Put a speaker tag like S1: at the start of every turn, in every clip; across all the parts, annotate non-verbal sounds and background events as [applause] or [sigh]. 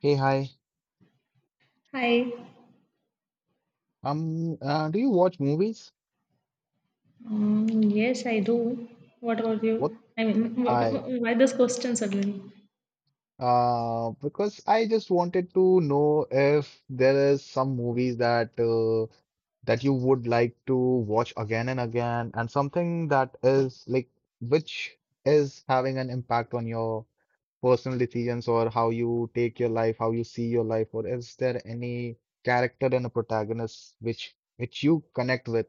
S1: Hey, hi.
S2: Hi.
S1: Do you watch movies?
S2: Mm, yes, I do. What about
S1: What
S2: you? I mean, [laughs]
S1: I
S2: why this question suddenly?
S1: because I just wanted to know if there is some movies that that you would like to watch again and again, and something that is like which is having an impact on your personal decisions, or how you take your life, how you see your life, or is there any character and a protagonist which you connect with?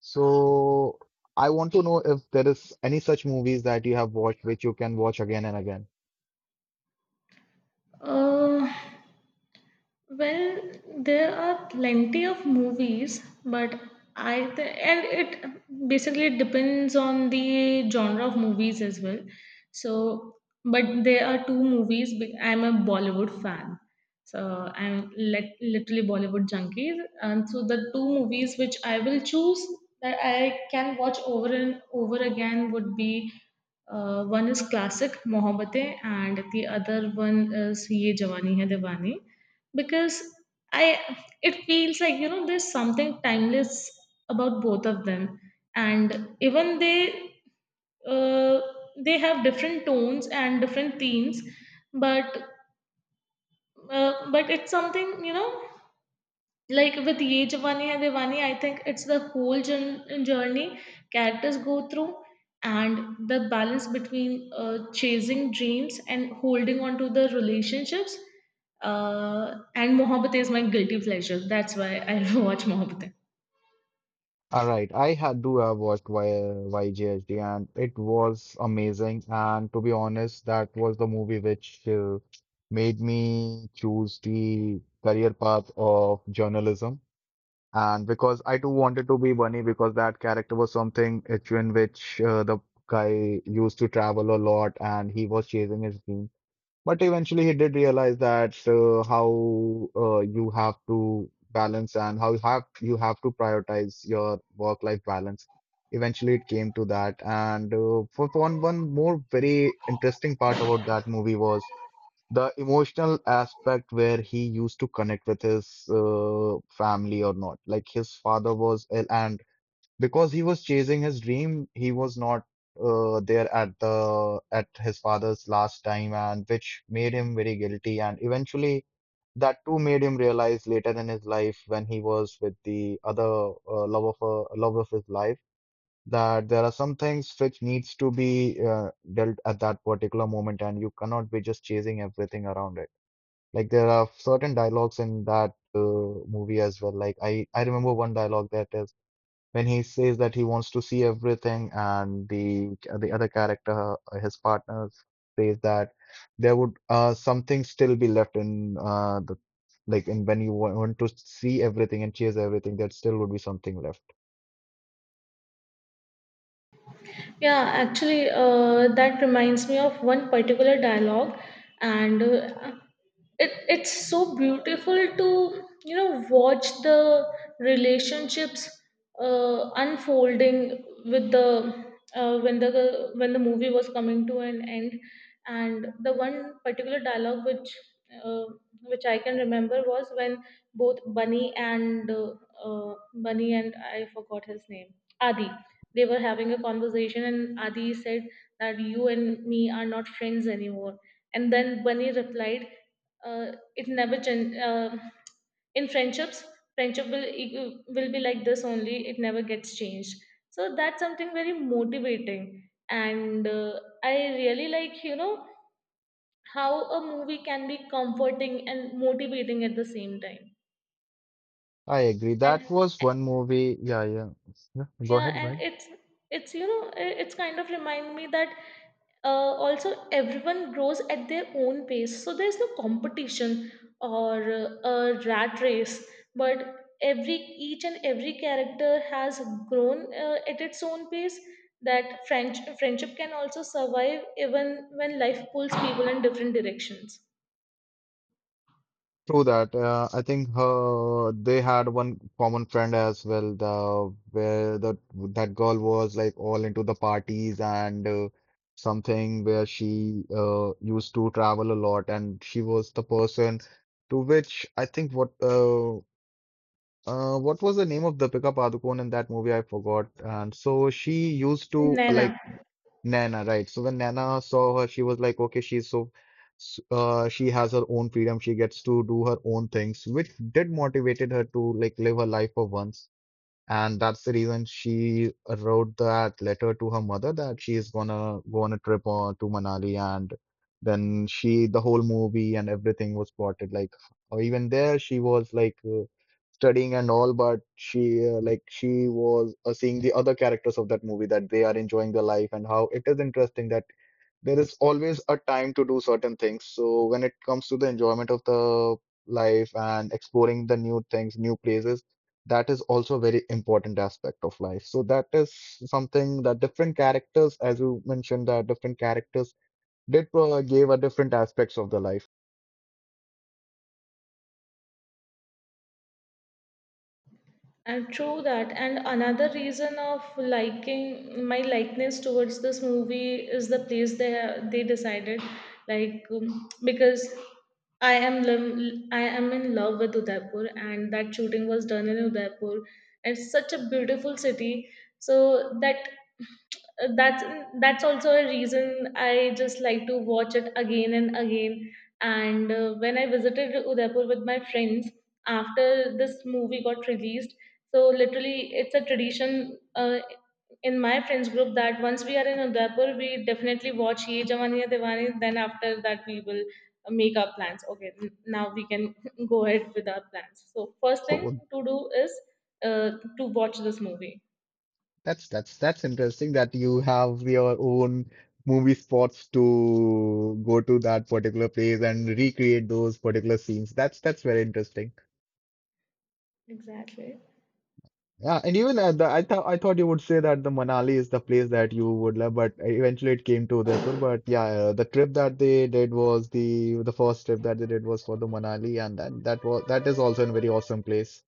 S1: So I want to know if there is any such movies that you have watched which you can watch again and again.
S2: Uh, Well, there are plenty of movies, but and it basically depends on the genre of movies as well. So, but there are two movies. I'm a Bollywood fan, so I'm literally Bollywood junkie. And so the two movies which I will choose that I can watch over and over again would be one is classic Mohabbatein and the other one is Ye Jawani Hai Diwani because I it feels like there's something timeless about both of them, and even uh, they have different tones and different themes, but but it's something like with Ye Jawani Hai Diwani, I think it's the whole journey characters go through and the balance between chasing dreams and holding on to the relationships. And Mohabbat is my guilty pleasure. That's why I [laughs] watch Mohabbat.
S1: All right, I had do have watched Y YGHD and it was amazing. And to be honest, that was the movie which made me choose the career path of journalism. And because I too wanted to be Bunny, because that character was something in which the guy used to travel a lot and he was chasing his dream. But eventually, he did realize that how you have to balance and how you have to prioritize your work-life balance. Eventually, it came to that. And for one more very interesting part about that movie was the emotional aspect where he used to connect with his family or not. Like, his father was ill and because he was chasing his dream, he was not there at the at his father's last time, and which made him very guilty. And eventually, that too made him realize later in his life when he was with the other love of his life, that there are some things which needs to be dealt at that particular moment, and you cannot be just chasing everything around it. Like, there are certain dialogues in that movie as well. Like, I remember one dialogue, that is when he says that he wants to see everything, and the other character his partner says that there would something still be left in the like in when you want to see everything and chase everything, there still would be something left.
S2: Yeah, actually, that reminds me of one particular dialogue, and it's so beautiful to watch the relationships unfolding with the when the movie was coming to an end, and the one particular dialogue which uh, I can remember was when both Bunny and I forgot his name, Adi, they were having a conversation, and Adi said that you and me are not friends anymore, and then Bunny replied, it never gen- in friendships friendship will will be like this only, it never gets changed. So that's something very motivating, and I really like how a movie can be comforting and motivating at the same time.
S1: I agree, that
S2: And
S1: was one movie. Yeah, yeah. Yeah, go
S2: Yeah,
S1: ahead, go
S2: and
S1: ahead.
S2: it's you know I- it's kind of remind me that also everyone grows at their own pace, so there's no competition or a rat race, but every each and every character has grown at its own pace. That French friendship can also survive even when life pulls people in different directions.
S1: True that. I think her they had one common friend as well. The where the that girl was like all into the parties and something where she used to travel a lot, and she was the person to which I think what was the name of the Deepika Padukone in that movie? I forgot. And so she used to
S2: Naina.
S1: like. Nana, right. So when Nana saw her, she was like, okay, she's so, she has her own freedom. She gets to do her own things, which did motivated her to like live her life for once. And that's the reason she wrote that letter to her mother that she is gonna go on a trip to Manali. And then she, the whole movie and everything was plotted like, or even there, she was like, studying and all, but she like she was seeing the other characters of that movie that they are enjoying their life and how it is interesting that there is always a time to do certain things. So when it comes to the enjoyment of the life and exploring the new things, new places, that is also a very important aspect of life. So that is something that different characters, as you mentioned, that different characters did gave a different aspects of the life.
S2: And true that. And another reason of liking my likeness towards this movie is the place they decided, like because I am in love with Udaipur, and that shooting was done in Udaipur. It's such a beautiful city, so uh, that's that's also a reason I just like to watch it again and again. And when I visited Udaipur with my friends after this movie got released, so literally it's a tradition in my friends group that once we are in Udaipur, we definitely watch Ye Jawaniya Diwani. Then after that, we will make our plans. Okay, now we can [laughs] go ahead with our plans. So first thing
S1: So
S2: to do is uh, to watch this movie.
S1: That's interesting that you have your own movie spots to go to that particular place and recreate those particular scenes. That's very interesting.
S2: Exactly.
S1: Yeah, and even at the, I thought you would say that the Manali is the place that you would love, but eventually it came to Udaipur. But yeah, the trip that they did was the first trip that they did was for the Manali, and that is also a very awesome place.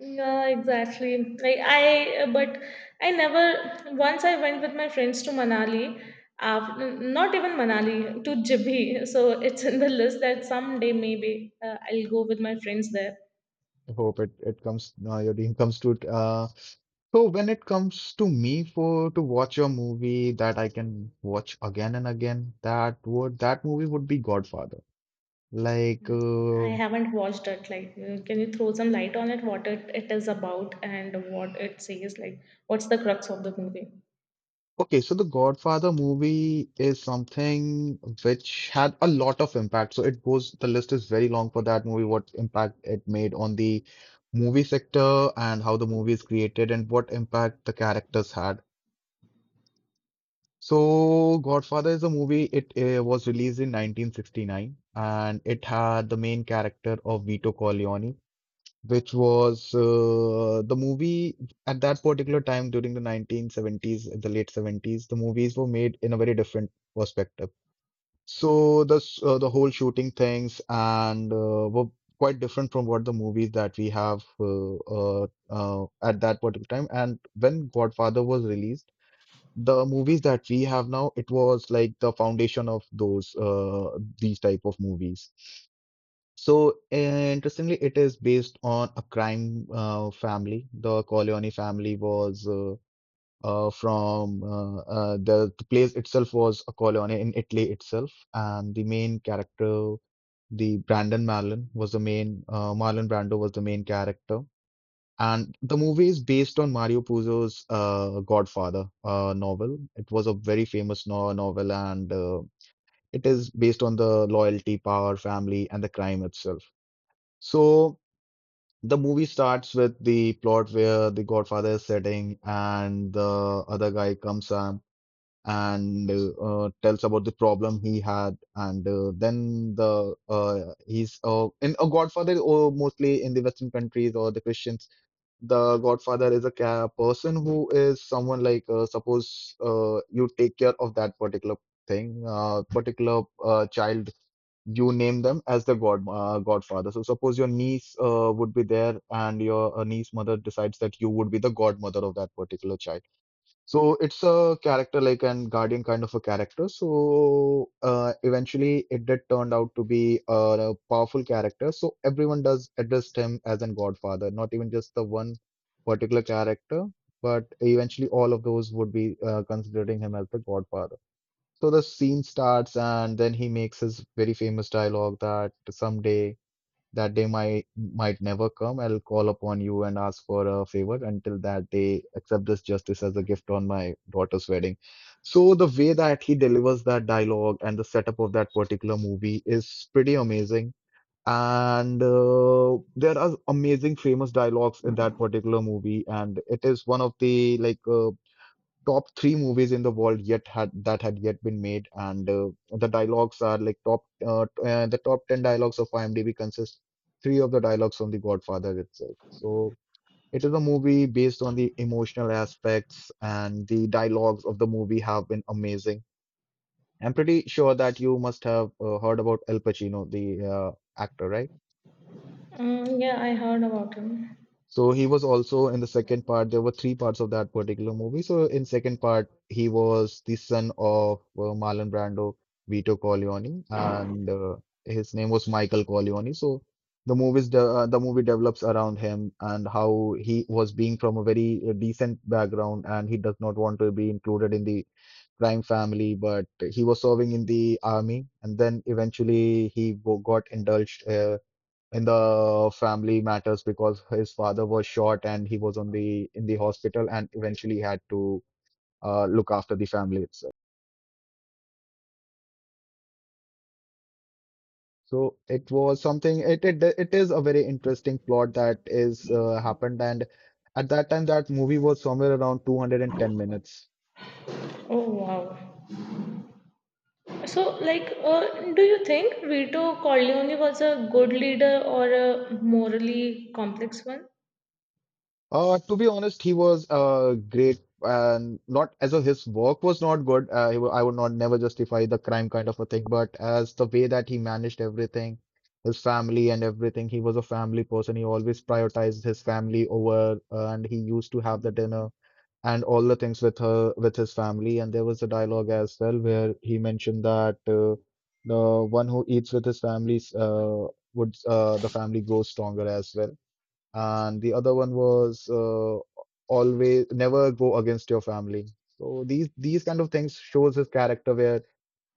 S2: Yeah, exactly. Like I, but I never. Once I went with my friends to Manali. After, not even Manali to Jibhi. [laughs] So it's in the list that someday maybe I'll go with my friends there.
S1: I hope it comes your dream comes true. So when it comes to me for to watch a movie that I can watch again and again, that would that movie would be Godfather. Like,
S2: Mm. I haven't watched it. Like, can you throw some light on it? What it is about and what it says? Like, what's the crux of the movie?
S1: okay, so the Godfather movie is something which had a lot of impact. So it goes, the list is very long for that movie, what impact it made on the movie sector and how the movie is created and what impact the characters had. So, Godfather is a movie. It was released in 1969, and it had the main character of Vito Corleone, which was the movie at that particular time during the 1970s, the late 70s. The movies were made in a very different perspective. So, the whole shooting things and were quite different from what the movies that we have at that particular time. And when Godfather was released, the movies that we have now, it was like the foundation of those these type of movies. So interestingly, it is based on a crime family. The Corleone family was from the place itself was a Corleone in Italy itself, and the main character, the Brandon Marlon, was the main Marlon Brando was the main character, and the movie is based on Mario Puzo's Godfather novel. It was a very famous no novel, and it is based on the loyalty, power, family, and the crime itself. So the movie starts with the plot where the Godfather is sitting, and the other guy comes up and tells about the problem he had, and then the he's in a Godfather, or mostly in the Western countries or the Christian, the godfather is a ca person who is someone like suppose you take care of that particular thing, particular child. You name them as the godfather. So suppose your niece would be there, and your niece mother decides that you would be the godmother of that particular child. So it's a character like an guardian kind of a character. So eventually, it did turned out to be a powerful character. So everyone does addressed him as an Godfather, not even just the one particular character, but eventually all of those would be considering him as the Godfather. So the scene starts, and then he makes his very famous dialogue that someday. That day might never come. I'll call upon you and ask for a favor. Until that day, accept this justice as a gift on my daughter's wedding. So the way that he delivers that dialogue and the setup of that particular movie is pretty amazing. And there are amazing famous dialogues in that particular movie, and it is one of the like top three movies in the world yet had that had yet been made, and the dialogues are like top the top ten dialogues of IMDb consist three of the dialogues from The Godfather itself. So it is a movie based on the emotional aspects, and the dialogues of the movie have been amazing. I'm pretty sure that you must have heard about Al Pacino, the actor, right?
S2: Mm, yeah, I heard about him.
S1: So he was also in the second part. There were three parts of that particular movie. So in second part, he was the son of Marlon Brando, Vito Corleone, and his name was Michael Corleone. So the movie develops around him and how he was being from a very decent background, and he does not want to be included in the crime family, but he was serving in the army, and then eventually he got indulged in the family matters because his father was shot and he was on the in the hospital, and eventually had to look after the family itself. So it was something. It is a very interesting plot that is happened, and at that time that movie was somewhere around 210 minutes.
S2: Oh wow. So, like, do you think Vito Corleone was a good leader or a morally complex one?
S1: To be honest, he was great, and not as a his work was not good. I would not never justify the crime kind of a thing, but as the way that he managed everything, his family and everything, he was a family person. He always prioritized his family over, and he used to have the dinner and all the things with her with his family. And there was a dialogue as well where he mentioned that the one who eats with his family would the family grows stronger as well, and the other one was always never go against your family. So these kind of things shows his character, where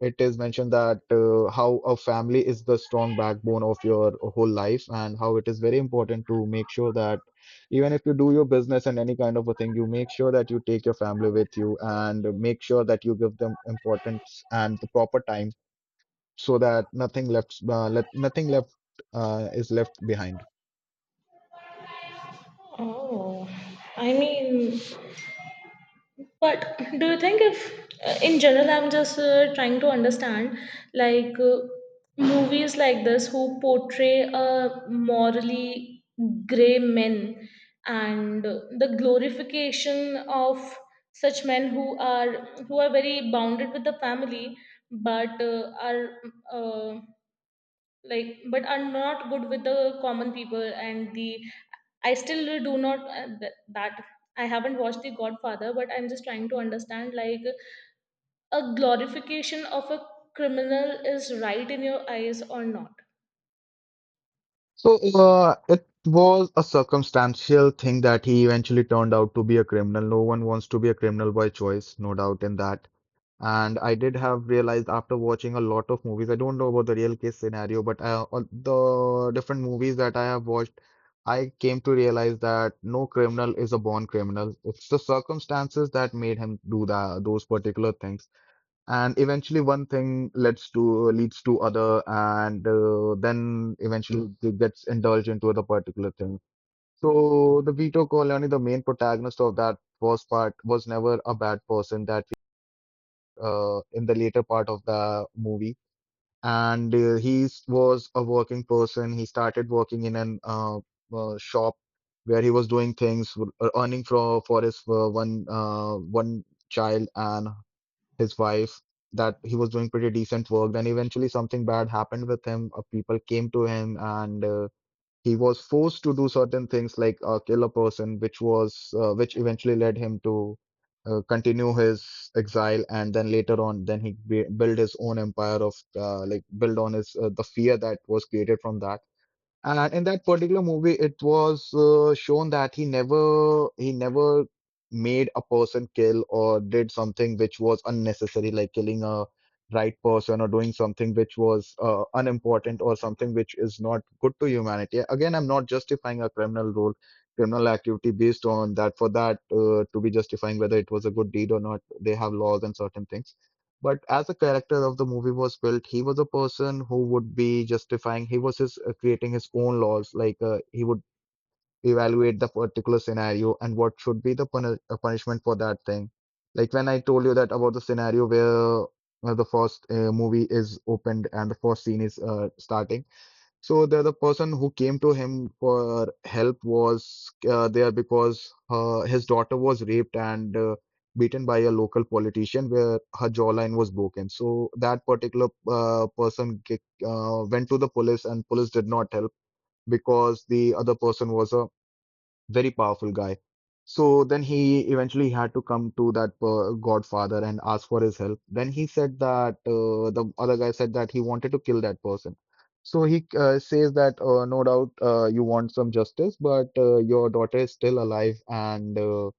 S1: it is mentioned that how a family is the strong backbone of your whole life and how it is very important to make sure that even if you do your business and any kind of a thing, you make sure that you take your family with you and make sure that you give them importance and the proper time so that nothing left let nothing left is left behind.
S2: Oh, I mean, but do you think if, in general, I'm just trying to understand, like movies like this who portray a morally grey men and the glorification of such men who are very bounded with the family, but are uh, like, but I'm not good with the common people, and the I still do not that I haven't watched the Godfather, but I'm just trying to understand like a glorification of a criminal is right in your eyes or not.
S1: So it was a circumstantial thing that he eventually turned out to be a criminal. No one wants to be a criminal by choice, no doubt in that. And I did have realized, after watching a lot of movies, I don't know about the real case scenario, but all the different movies that I have watched, I came to realize that no criminal is a born criminal. It's the circumstances that made him do that, those particular things, and eventually one thing leads to other, and then eventually it gets indulged into the particular thing. So the Vito Corleone, the main protagonist of that first part, was never a bad person. That in the later part of the movie, and he was a working person. He started working in an shop where he was doing things, earning for his one child and his wife. That he was doing pretty decent work. Then eventually something bad happened with him. People came to him, and he was forced to do certain things, like kill a person, which eventually led him to continue his exile. And then later on, then he b built his own empire of, like, build on his the fear that was created from that. And in that particular movie, it was shown that he never made a person kill or did something which was unnecessary, like killing a right person or doing something which was unimportant or something which is not good to humanity. Again, I'm not justifying a criminal role, criminal activity based on that. For that to be justifying whether it was a good deed or not, they have laws and certain things. But as the character of the movie was built, he was a person who would be justifying. Creating his own laws. Like he would evaluate the particular scenario and what should be the punishment for that thing. Like when I told you that, about the scenario where the first movie is opened and the first scene is starting. So the person who came to him for help was there because his daughter was raped and beaten by a local politician where her jawline was broken. So that particular person, went to the police, and police did not help because the other person was a very powerful guy. So then he eventually had to come to that godfather and ask for his help. Then he said that the other guy said that he wanted to kill that person. So he says that no doubt you want some justice, but your daughter is still alive, and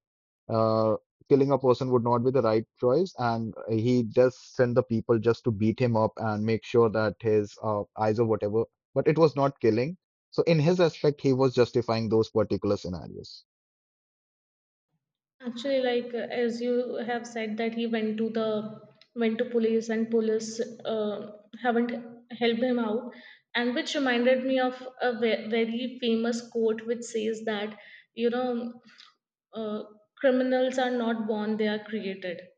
S1: uh, killing a person would not be the right choice, and he just sent the people just to beat him up and make sure that his eyes or whatever. But it was not killing. So in his aspect, he was justifying those particular scenarios.
S2: Actually, like as you have said that he went to the went to police, and police haven't helped him out, and which reminded me of a very famous quote which says that you know uh, criminals are not born; they are created.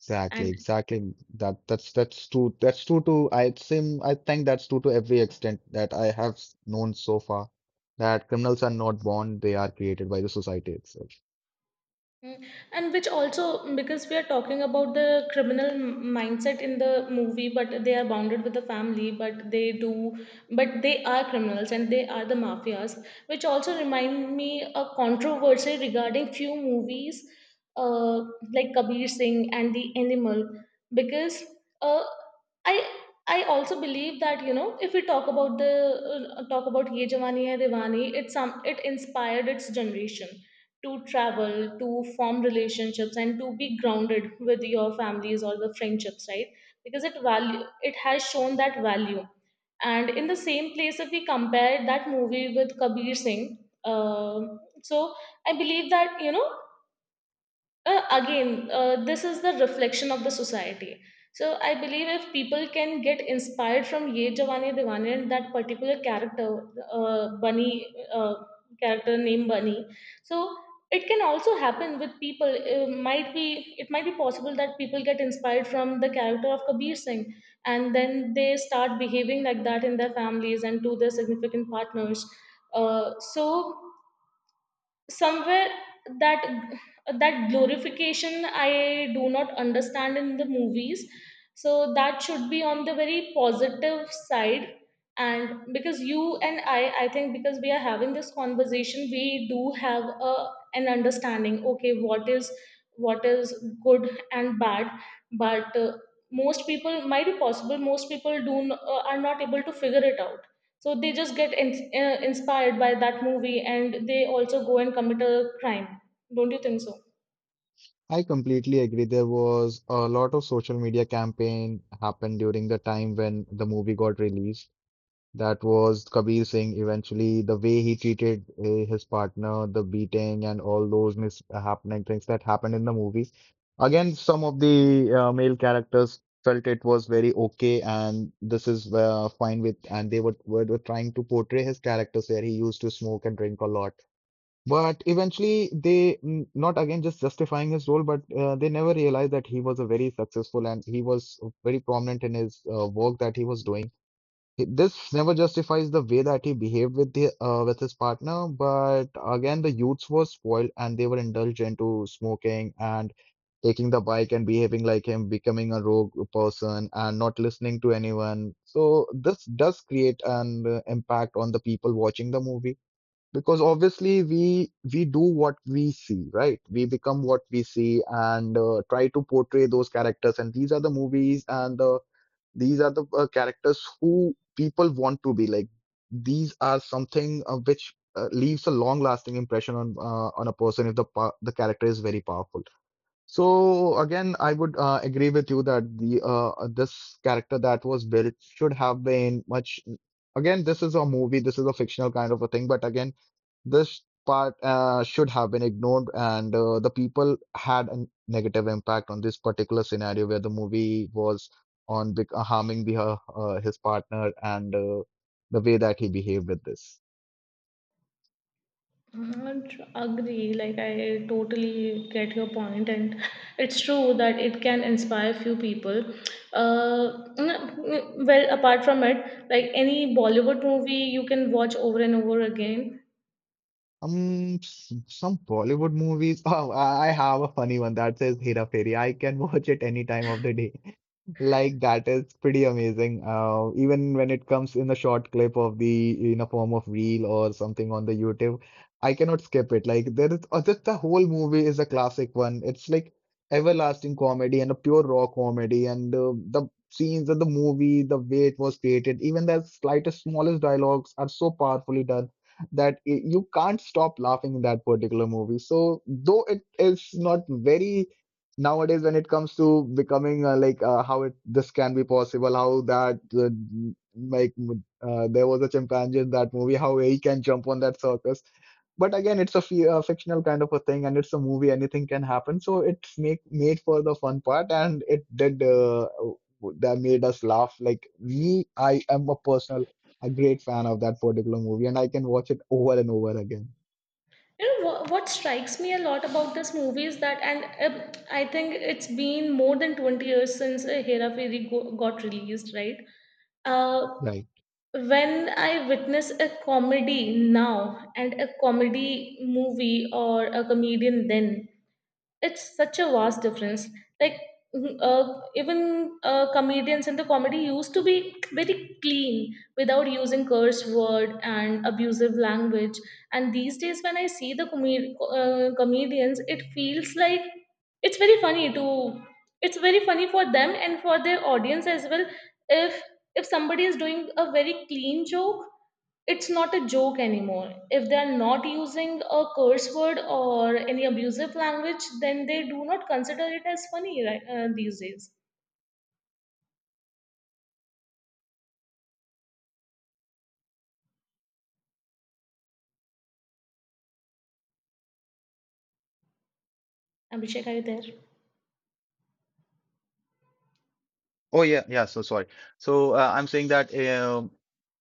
S1: Exactly,
S2: And
S1: exactly. That's true. That's true to I seem I think that's true to every extent that I have known so far. That criminals are not born; they are created by the society itself.
S2: Mm. And which also, because we are talking about the criminal mindset in the movie, but they are bounded with the family, but they do, but they are criminals and they are the mafias, which also remind me a controversy regarding few movies, uh, like Kabir Singh and The Animal, because uh, I I also believe that if we talk about the talk about Ye Jawani Hai Diwani, it inspired its generation to travel, to form relationships, and to be grounded with your families or the friendships, right? Because it has shown that value. And in the same place, if we compare that movie with Kabir Singh, so I believe that again this is the reflection of the society, so I believe if people can get inspired from Ye Jawani Diwani and that particular uh, bunny uh, character named Bunny, so it can also happen with people. It might be possible that people get inspired from the character of Kabir Singh, and then they start behaving like that in their families and to their significant partners, so somewhere that glorification I do not understand in the movies, so that should be on the very positive side. And because you and I think, because we are having this conversation, we do have a an understanding. Okay, what is good and bad, but most people might be possible, most people do are not able to figure it out, so they just get inspired by that movie, and they also go and commit a crime. Don't you think so?
S1: I completely agree. There was a lot of social media campaign happened during the time when the movie got released. That was Kabir Singh. Eventually, the way he treated his partner, the beating, and all those mis happening things that happened in the movie. Again, some of the male characters felt it was very okay, and this is fine with. And they were trying to portray his characters where he used to smoke and drink a lot. But eventually, they not again just justifying his role, but they never realized that he was a very successful, and he was very prominent in his work that he was doing. This never justifies the way that he behaved with his partner. But again, the youths were spoiled, and they were indulged into smoking and taking the bike and behaving like him, becoming a rogue person and not listening to anyone. So this does create an impact on the people watching the movie, because obviously we do what we see, right? We become what we see, and try to portray those characters. And these are the movies, and these are the characters who people want to be like. These are something which leaves a long lasting impression on a person, if the the character is very powerful. So again, I would agree with you that the this character that was built should have been much. Again, this is a movie, this is a fictional kind of a thing, but again, this part should have been ignored, and the people had a negative impact on this particular scenario where the movie was on, harming the his partner and the way that he behaved with this.
S2: Mm, agree, like I totally get your point, and [laughs] it's true that it can inspire few people. Well, apart from it, like any Bollywood movie you can watch over and over again.
S1: Some Bollywood movies. [laughs] Oh, I have a funny one that says Hera Fairy. I can watch it any time of the day. [laughs] Like that is pretty amazing. Even when it comes in a short clip of the in a form of reel or something on the YouTube, I cannot skip it. Like just the whole movie is a classic one. It's like everlasting comedy and a pure raw comedy, and the scenes of the movie, the way it was created, even the slightest smallest dialogues are so powerfully done that you can't stop laughing in that particular movie. So though it is not very nowadays when it comes to becoming, like, how it this can be possible, how that, like, there was a chimpanzee in that movie, how he can jump on that circus. But again, it's a fictional kind of a thing, and it's a movie, anything can happen. So it's make made for the fun part, and it did, that made us laugh. Like me, I am a great fan of that particular movie, and I can watch it over and over again.
S2: You know what strikes me a lot about this movie is that and I think it's been more than 20 years since Hera Fairy got released, right? Uh,
S1: Right.
S2: when I witness a comedy now and a comedy movie or a comedian then, it's such a vast difference. Like even comedians in the comedy used to be very clean without using curse word and abusive language. And these days, when I see the comedians, it feels like it's very funny to it's very funny for them and for their audience as well, if somebody is doing a very clean joke, it's not a joke anymore. If they are not using a curse word or any abusive language, then they do not consider it as funny, right, these days. Abhishek, are you there?
S1: Oh yeah, yeah. So sorry. So I'm saying that,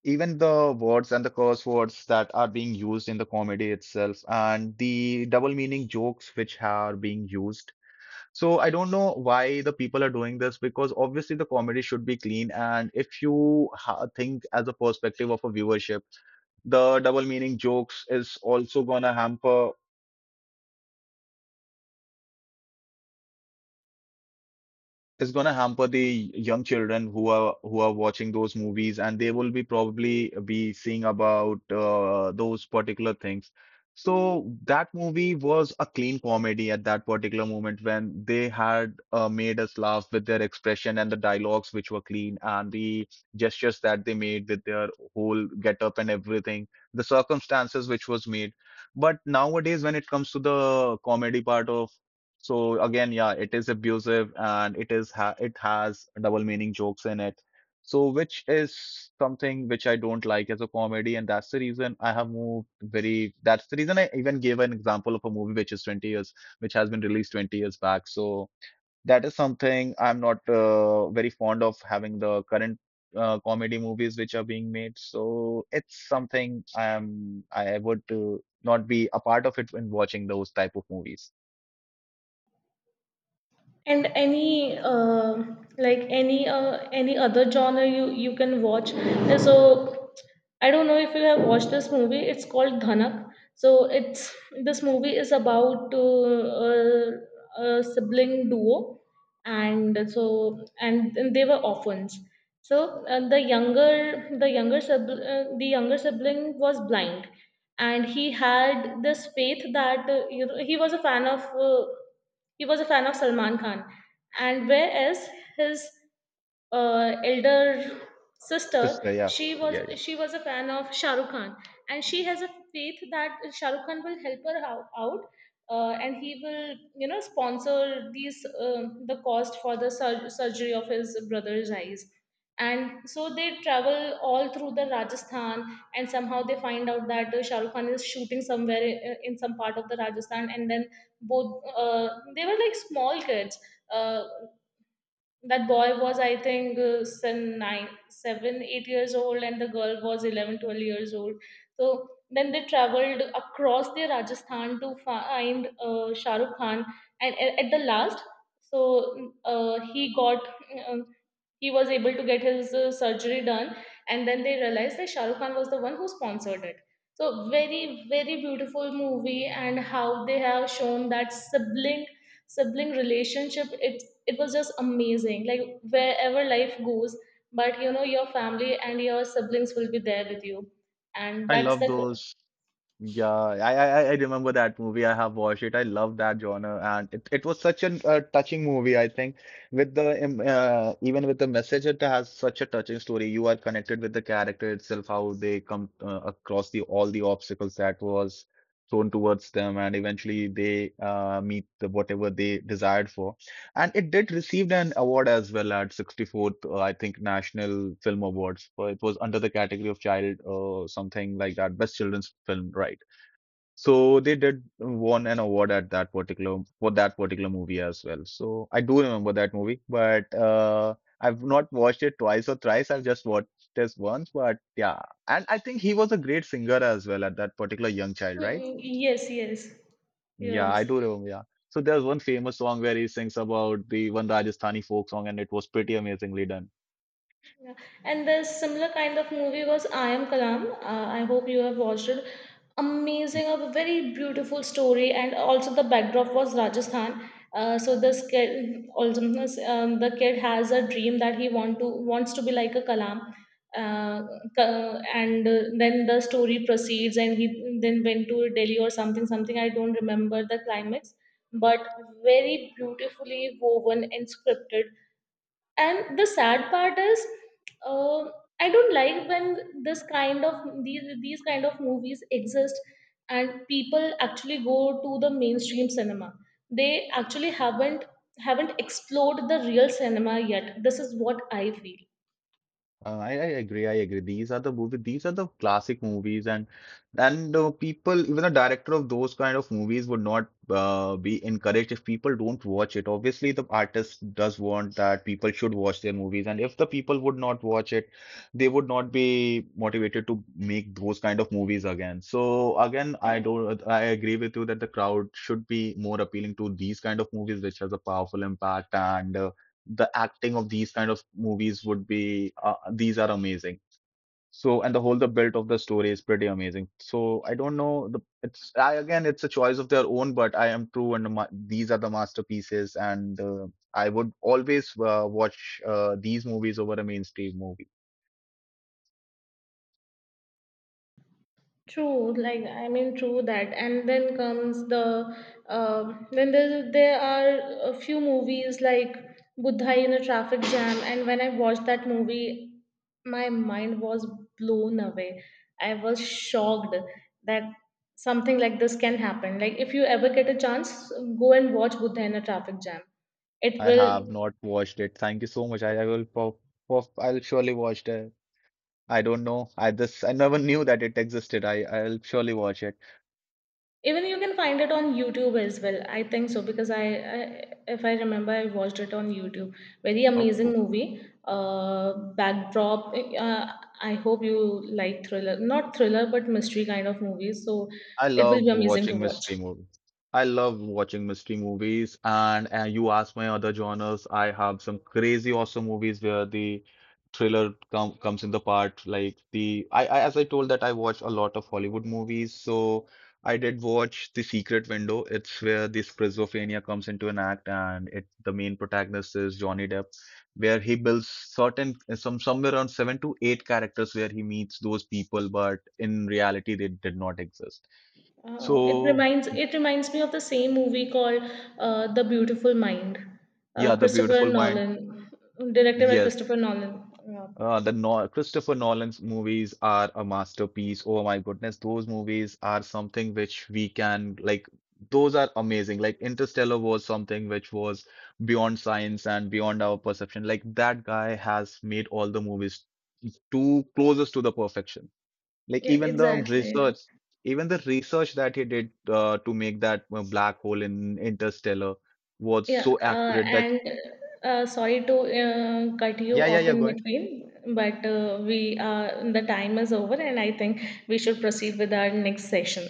S1: even the words and the curse words that are being used in the comedy itself, and the double meaning jokes which are being used. So I don't know why the people are doing this, because obviously the comedy should be clean. And if you ha think, as a perspective of a viewership, the double meaning jokes is going to hamper the young children who are watching those movies, and they will be probably be seeing about those particular things. So that movie was a clean comedy at that particular moment when they had made us laugh with their expression and the dialogues which were clean and the gestures that they made with their whole get up and everything, the circumstances which was made. But nowadays, when it comes to the comedy part of, so again, yeah, it is abusive, and it is ha it has double meaning jokes in it. So which is something which I don't like as a comedy, and that's the reason I have moved very. That's the reason I even gave an example of a movie which is 20 years, which has been released 20 years back. So that is something I'm not very fond of having the current comedy movies which are being made. So it's something I would not be a part of it when watching those type of movies.
S2: And any any other genre you can watch, so I don't know if you have watched this movie, it's called Dhanak. So it's this movie is about a sibling duo, and so and they were orphans. So the younger sibling was blind, and he had this faith that he was a fan of he was a fan of Salman Khan. And whereas his elder sister,
S1: Sister, yeah, yeah, yeah.
S2: she was a fan of Shah Rukh Khan, and she has a faith that Shah Rukh Khan will help her out, and he will sponsor these the cost for the surgery of his brother's eyes, and so they travel all through the Rajasthan, and somehow they find out that Shah Rukh Khan is shooting somewhere in some part of the Rajasthan. And then both they were like small kids. Uh, that boy was, I think, some 9, 7, 8 years old, and the girl was 11, 12 years old. So then they traveled across the Rajasthan to find Shah Rukh Khan, and at the last, so uh, he got um, he was able to get his surgery done, and then they realized that Shah Rukh Khan was the one who sponsored it. So very, very beautiful movie, and how they have shown that sibling relationship. It was just amazing, like wherever life goes, but you know your family and your siblings will be there with you, and
S1: I
S2: that's
S1: love
S2: the
S1: those. Yeah, I remember that movie. I have watched it. I love that genre, and it was such an touching movie. I think with the even with the message, it has such a touching story. You are connected with the character itself, how they come across the all the obstacles that was thrown towards them, and eventually they meet whatever they desired for. And it did receive an award as well at 64th, I think, National Film Awards. It was under the category of something like that, best children's film, right? So they did won an award at that particular for that particular movie as well. So I do remember that movie, but I've not watched it twice or thrice. I've just watched this once, but yeah. And I think he was a great singer as well, at that particular young child,
S2: Mm,
S1: right?
S2: mm, yes, yes,
S1: Yeah,
S2: yes.
S1: I do remember. Yeah. So there's one famous song where he sings about the one Rajasthani folk song, and it was pretty amazingly done.
S2: Yeah. And the similar kind of movie was I Am Kalam. I hope you have watched it. Amazing, a very beautiful story, and also the backdrop was Rajasthan. So this kid, also, the kid has a dream that he wants to be like a Kalam. Uh, Ka- and Then the story proceeds, and he then went to Delhi or something, something I don't remember the climax, but very beautifully woven and scripted. And the sad part is, uh, I don't like when this kind of these kind of movies exist and people actually go to the mainstream cinema, they actually haven't explored the real cinema yet, this is what I feel.
S1: I agree. I agree. These are the movie. These are the classic movies, and people, even the director of those kind of movies, would not be encouraged if people don't watch it. Obviously, the artist does want that people should watch their movies, and if the people would not watch it, they would not be motivated to make those kind of movies again. So again, I don't. I agree with you that the crowd should be more appealing to these kind of movies, which has a powerful impact and. The acting of these kind of movies would be these are amazing. So, and the build of the story is pretty amazing. So I don't know, the it's I again, it's a choice of their own, but I am true, these are the masterpieces, and I would always watch these movies over a mainstream movie.
S2: True, like I mean, true that. And then comes then there are a few movies like Buddha in a traffic jam, and when I watched that movie, my mind was blown away. I was shocked that something like this can happen. Like if you ever get a chance, go and watch Buddha in a traffic jam. It
S1: I have
S2: will
S1: not watched it. Thank you so much. I will pop, I'll surely watch it. I don't know, I never knew that it existed. I'll surely watch it.
S2: Even you can find it on YouTube as well. I think so because I if I remember, I watched it on YouTube. Very amazing
S1: Oh,
S2: movie. Backdrop. I hope you like thriller, not thriller, but mystery kind of movies. So
S1: I
S2: it will
S1: love
S2: be amazing to
S1: watching
S2: watch.
S1: mystery movies. I love watching mystery movies. And you ask my other genres, I have some crazy awesome movies where the thriller comes in the part. Like I, as I told, that I watch a lot of Hollywood movies, so I did watch The Secret Window. It's where the schizophrenia comes into an act, and it the main protagonist is Johnny Depp, where he builds certain some somewhere around seven to eight characters where he meets those people, but in reality they did not exist.
S2: Oh,
S1: So,
S2: it reminds me of the same movie called The Beautiful Mind.
S1: yeah, The
S2: Christopher
S1: Beautiful Mind.
S2: Nolan, directed by
S1: Yes,
S2: Christopher Nolan. Yeah,
S1: the no Christopher Nolan's movies are a masterpiece. Oh my goodness, those movies are something which we can like. Those are amazing. Like Interstellar was something which was beyond science and beyond our perception. Like that guy has made all the movies too closest to the perfection. Like
S2: yeah,
S1: even the
S2: exactly.
S1: research, even the research that he did to make that black hole in Interstellar was
S2: Yeah,
S1: so accurate that
S2: and sorry to cut
S1: yeah,
S2: you
S1: yeah,
S2: off
S1: yeah, go
S2: in
S1: ahead.
S2: between, but we the time is over, and I think we should proceed with our next session.